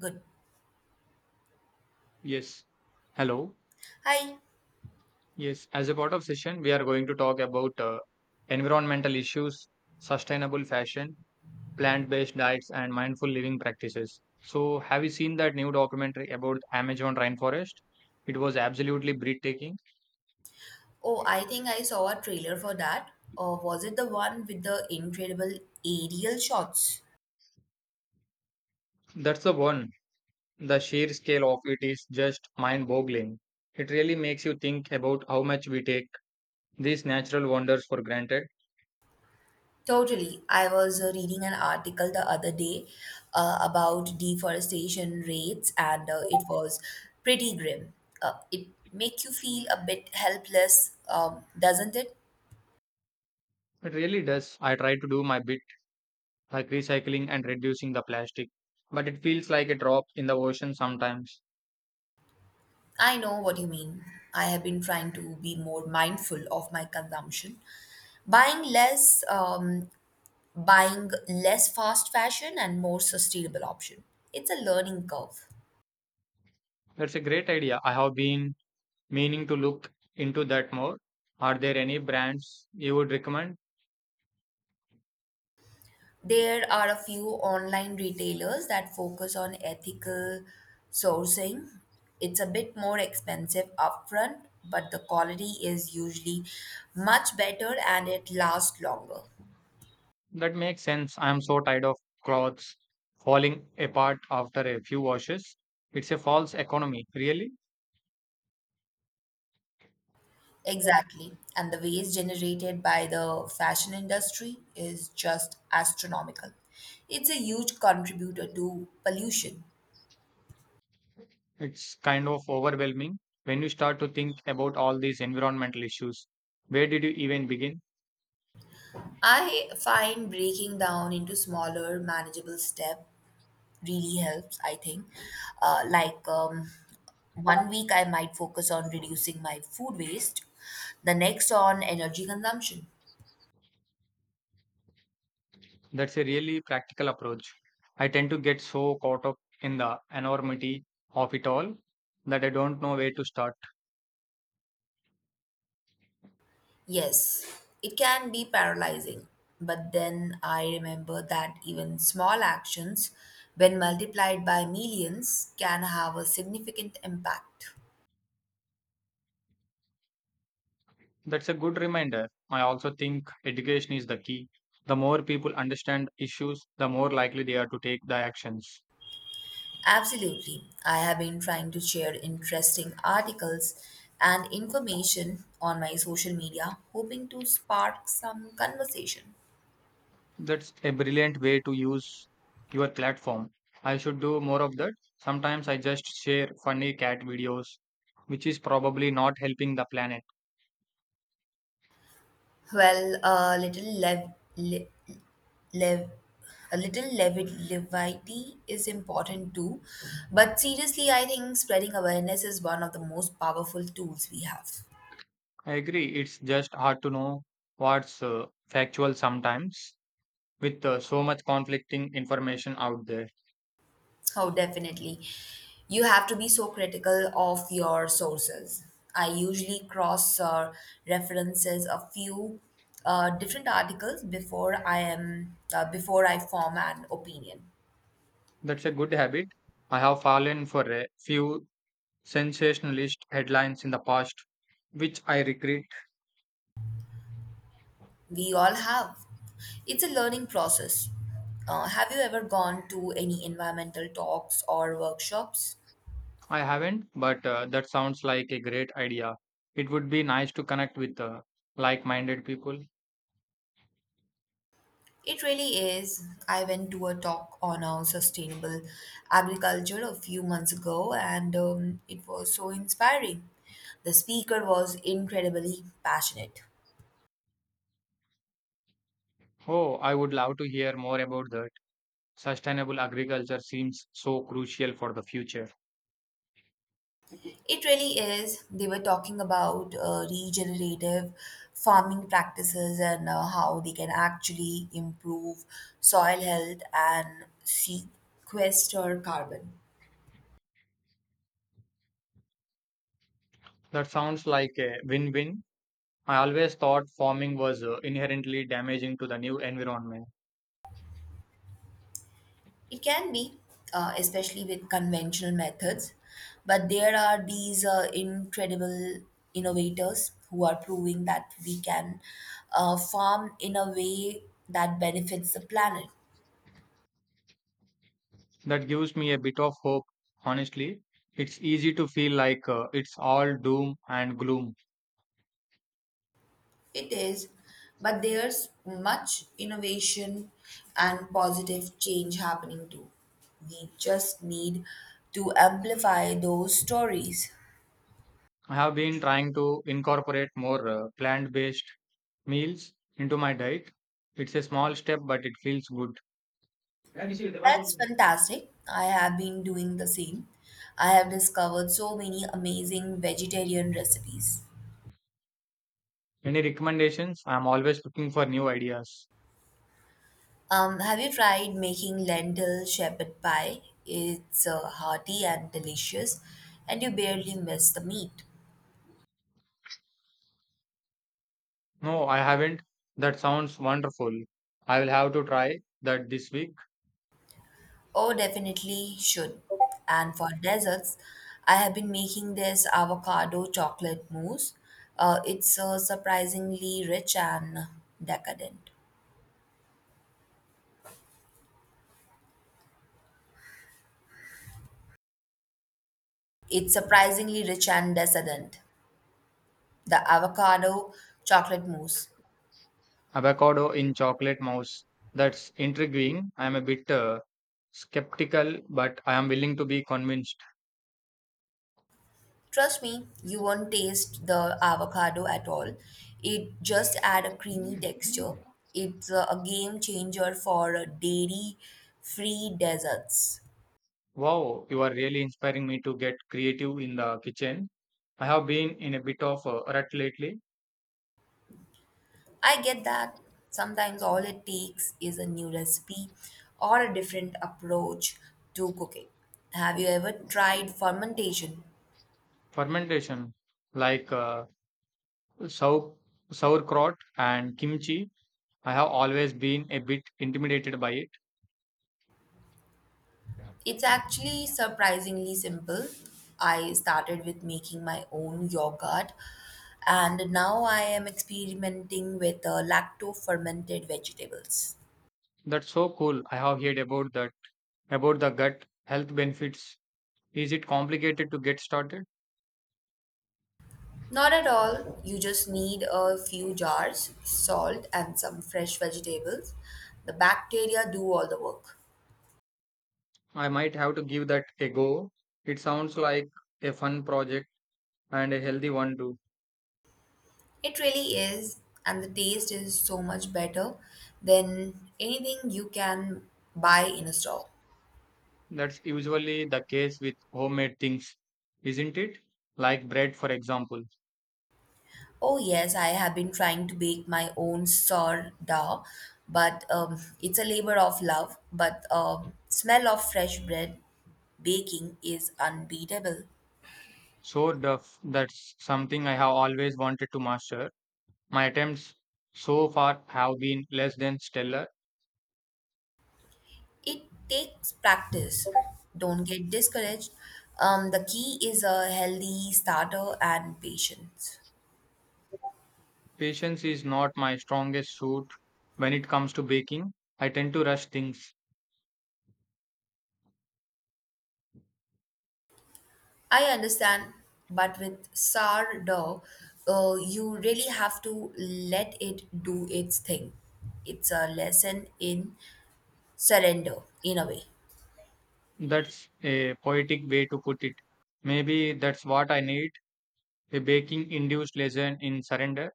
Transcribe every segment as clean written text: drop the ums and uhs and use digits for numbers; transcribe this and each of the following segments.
Good. Yes. Hello. Hi. Yes. As a part of session, we are going to talk about environmental issues, sustainable fashion, plant-based diets, and mindful living practices. So, have you seen that new documentary about Amazon rainforest? It was absolutely breathtaking. Oh, I think I saw a trailer for that. Or was it the one with the incredible aerial shots? That's the one. The sheer scale of it is just mind-boggling. It really makes you think about how much we take these natural wonders for granted. Totally. I was reading an article the other day about deforestation rates, and it was pretty grim. It make you feel a bit helpless, doesn't it? It really does. I try to do my bit like recycling and reducing the plastic, but it feels like a drop in the ocean sometimes. I know what you mean. I have been trying to be more mindful of my consumption, buying less um, buying less fast fashion and more sustainable option. It's a learning curve. That's a great idea. I have been meaning to look into that more. Are there any brands you would recommend? There are a few online retailers that focus on ethical sourcing. It's a bit more expensive upfront, but the quality is usually much better and it lasts longer. That makes sense. I am so tired of clothes falling apart after a few washes. It's a false economy, really. Exactly. And the waste generated by the fashion industry is just astronomical. It's a huge contributor to pollution. It's kind of overwhelming when you start to think about all these environmental issues. Where did you even begin? I find breaking down into smaller, manageable steps really helps, I think. Uh, like um, one week, I might focus on reducing my food waste, the next on energy consumption. That's a really practical approach. I tend to get so caught up in the enormity of it all that I don't know where to start. Yes, it can be paralyzing, but then I remember that even small actions, when multiplied by millions, can have a significant impact. That's a good reminder. I also think education is the key. The more people understand issues, the more likely they are to take the actions. Absolutely. I have been trying to share interesting articles and information on my social media, hoping to spark some conversation. That's a brilliant way to use your platform. I should do more of that. Sometimes I just share funny cat videos, which is probably not helping the planet. Well, le, lev, a levity is important too, but seriously, I think spreading awareness is one of the most powerful tools we have. I agree. It's just hard to know what's factual sometimes with so much conflicting information out there. Oh, definitely. You have to be so critical of your sources. I usually cross references a few different articles before I form an opinion. That's a good habit. I have fallen for a few sensationalist headlines in the past, which I regret. We all have. It's a learning process. Have you ever gone to any environmental talks or workshops? I haven't, but that sounds like a great idea. It would be nice to connect with like minded people. It really is. I went to a talk on a sustainable agriculture a few months ago and it was so inspiring. The speaker was incredibly passionate. Oh, I would love to hear more about that. Sustainable agriculture seems so crucial for the future. It really is. They were talking about regenerative farming practices and how they can actually improve soil health and sequester carbon. That sounds like a win win. I always thought farming was inherently damaging to the new environment. It can be, especially with conventional methods, but there are these incredible innovators who are proving that we can farm in a way that benefits the planet. That gives me a bit of hope, honestly. It's easy to feel like it's all doom and gloom. It is, but there's much innovation and positive change happening too. We just need to amplify those stories. I have been trying to incorporate more plant based meals into my diet. It's a small step, but it feels good. That's fantastic. I have been doing the same. I have discovered so many amazing vegetarian recipes. Any recommendations? I'm always looking for new ideas. Have you tried making lentil shepherd pie? It's hearty and delicious, and you barely miss the meat. No, I haven't. That sounds wonderful. I will have to try that this week. Oh, definitely should. And for desserts, I have been making this avocado chocolate mousse. It's surprisingly rich and decadent. It's surprisingly rich and decadent. The avocado chocolate mousse. Avocado in Chocolate Mouse. That's intriguing. I am a bit skeptical, but I am willing to be convinced. Trust me, you won't taste the avocado at all. It just add a creamy texture. It's a game changer for dairy free desserts. Wow, you are really inspiring me to get creative in the kitchen. I have been in a bit of a rut lately. I get that. Sometimes all it takes is a new recipe or a different approach to cooking. Have you ever tried fermentation? Fermentation, like sau- sauerkraut and kimchi, I have always been a bit intimidated by it. It's actually surprisingly simple. I started with making my own yogurt and now I am experimenting with lacto fermented vegetables. That's so cool. I have heard about that, about the gut health benefits. Is it complicated to get started? Not at all, you just need a few jars, salt, and some fresh vegetables. The bacteria do all the work. I might have to give that a go. It sounds like a fun project and a healthy one too. It really is, and the taste is so much better than anything you can buy in a store. That's usually the case with homemade things, isn't it? Like bread, for example. Oh, yes, I have been trying to bake my own sourdough, but it's a labor of love. But smell of fresh bread baking is unbeatable. That's something I have always wanted to master. My attempts so far have been less than stellar. It takes practice. Don't get discouraged. The key is a healthy starter and patience. Patience is not my strongest suit when it comes to baking. I tend to rush things. I understand, but with sourdough, you really have to let it do its thing. It's a lesson in surrender in a way. That's a poetic way to put it. Maybe that's what I need. A baking induced lesson in surrender.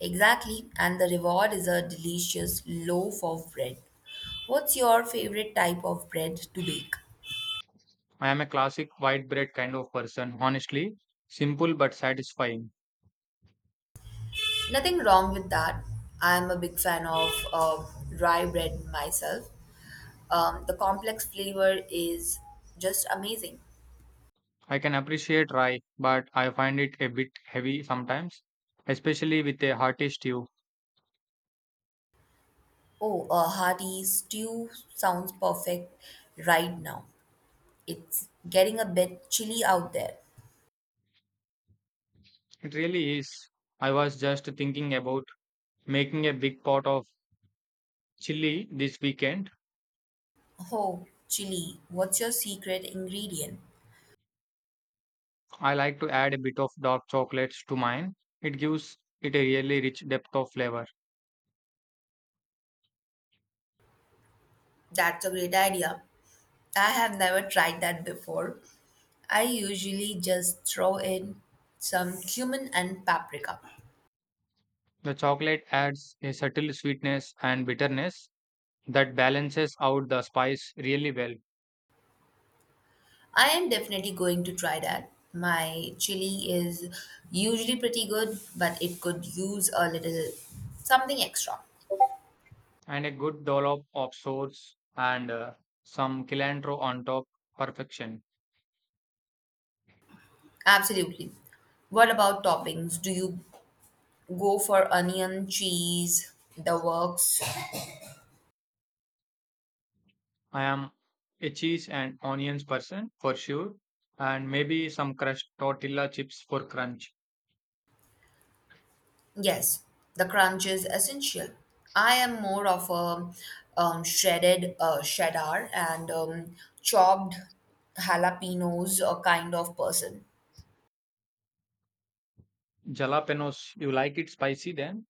Exactly, and the reward is a delicious loaf of bread. What's your favorite type of bread to bake? I am a classic white bread kind of person, honestly. Simple but satisfying. Nothing wrong with that. I'm a big fan of rye bread myself. The complex flavor is just amazing. I can appreciate rye, but I find it a bit heavy sometimes, especially with a hearty stew. Oh, a hearty stew sounds perfect right now. It's getting a bit chilly out there. It really is. I was just thinking about making a big pot of chili this weekend. Oh, chili, what's your secret ingredient? I like to add a bit of dark chocolates to mine. It gives it a really rich depth of flavor. That's a great idea. I have never tried that before. I usually just throw in some cumin and paprika. The chocolate adds a subtle sweetness and bitterness that balances out the spice really well. I am definitely going to try that. My chili is usually pretty good, but it could use a little something extra. And a good dollop of sauce and some cilantro on top, perfection. Absolutely. What about toppings? Do you go for onion, cheese, the works? I am a cheese and onions person for sure, and maybe some crushed tortilla chips for crunch. Yes, the crunch is essential. I am more of a shredded cheddar and chopped jalapenos kind of person. Jalapenos, you like it spicy then?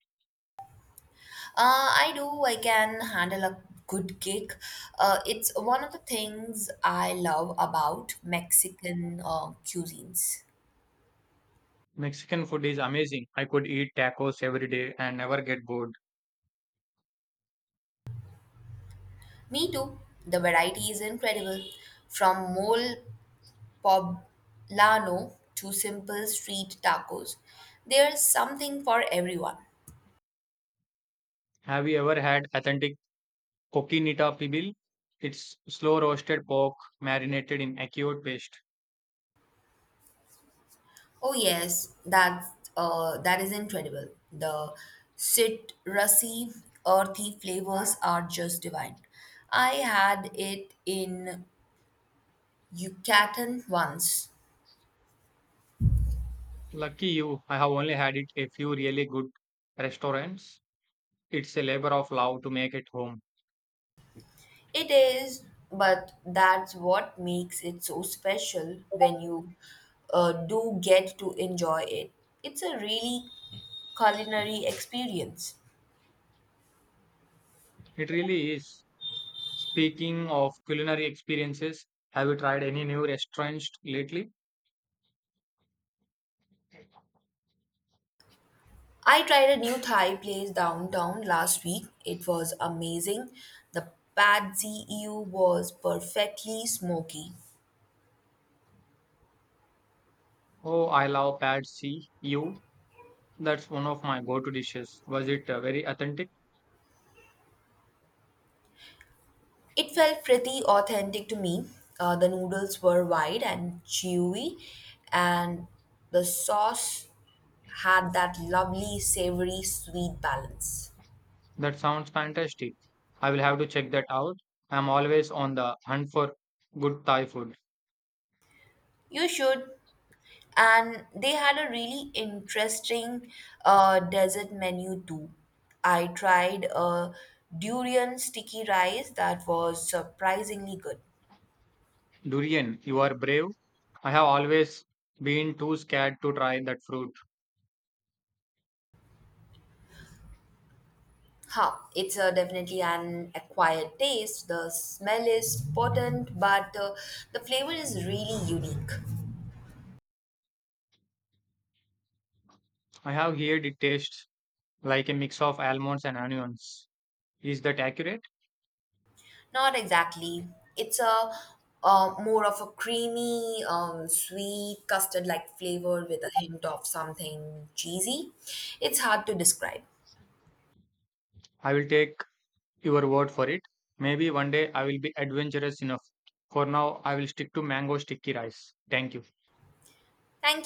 I do, I can handle a good kick. It's one of the things I love about Mexican cuisines. Mexican food is amazing. I could eat tacos every day and never get bored. Me too. The variety is incredible. From mole poblano to simple street tacos. There's something for everyone. Have you ever had authentic coquinita pibil? It's slow roasted pork marinated in acute paste. Oh yes, that is incredible. The citrusy, earthy flavors are just divine. I had it in Yucatan once. Lucky you, I have only had it a few really good restaurants. It's a labor of love to make at home. It is, but that's what makes it so special when you do get to enjoy it. It's a really culinary experience. It really is. Speaking of culinary experiences, have you tried any new restaurants lately? I tried a new Thai place downtown last week. It was amazing. The pad see ew was perfectly smoky. Oh, I love Pad See You. That's one of my go-to dishes. Was it very authentic? It felt pretty authentic to me. The noodles were wide and chewy, and the sauce had that lovely savory sweet balance. That sounds fantastic. I will have to check that out. I'm always on the hunt for good Thai food. You should. And they had a really interesting desert menu too. I tried a durian sticky rice that was surprisingly good. Durian, you are brave. I have always been too scared to try that fruit. Huh, it's definitely an acquired taste. The smell is potent, but the flavor is really unique. I have heard it tastes like a mix of almonds and onions. Is that accurate? Not exactly. It's a more of a creamy, sweet, custard-like flavor with a hint of something cheesy. It's hard to describe. I will take your word for it. Maybe one day I will be adventurous enough. For now, I will stick to mango sticky rice. Thank you. Thank you.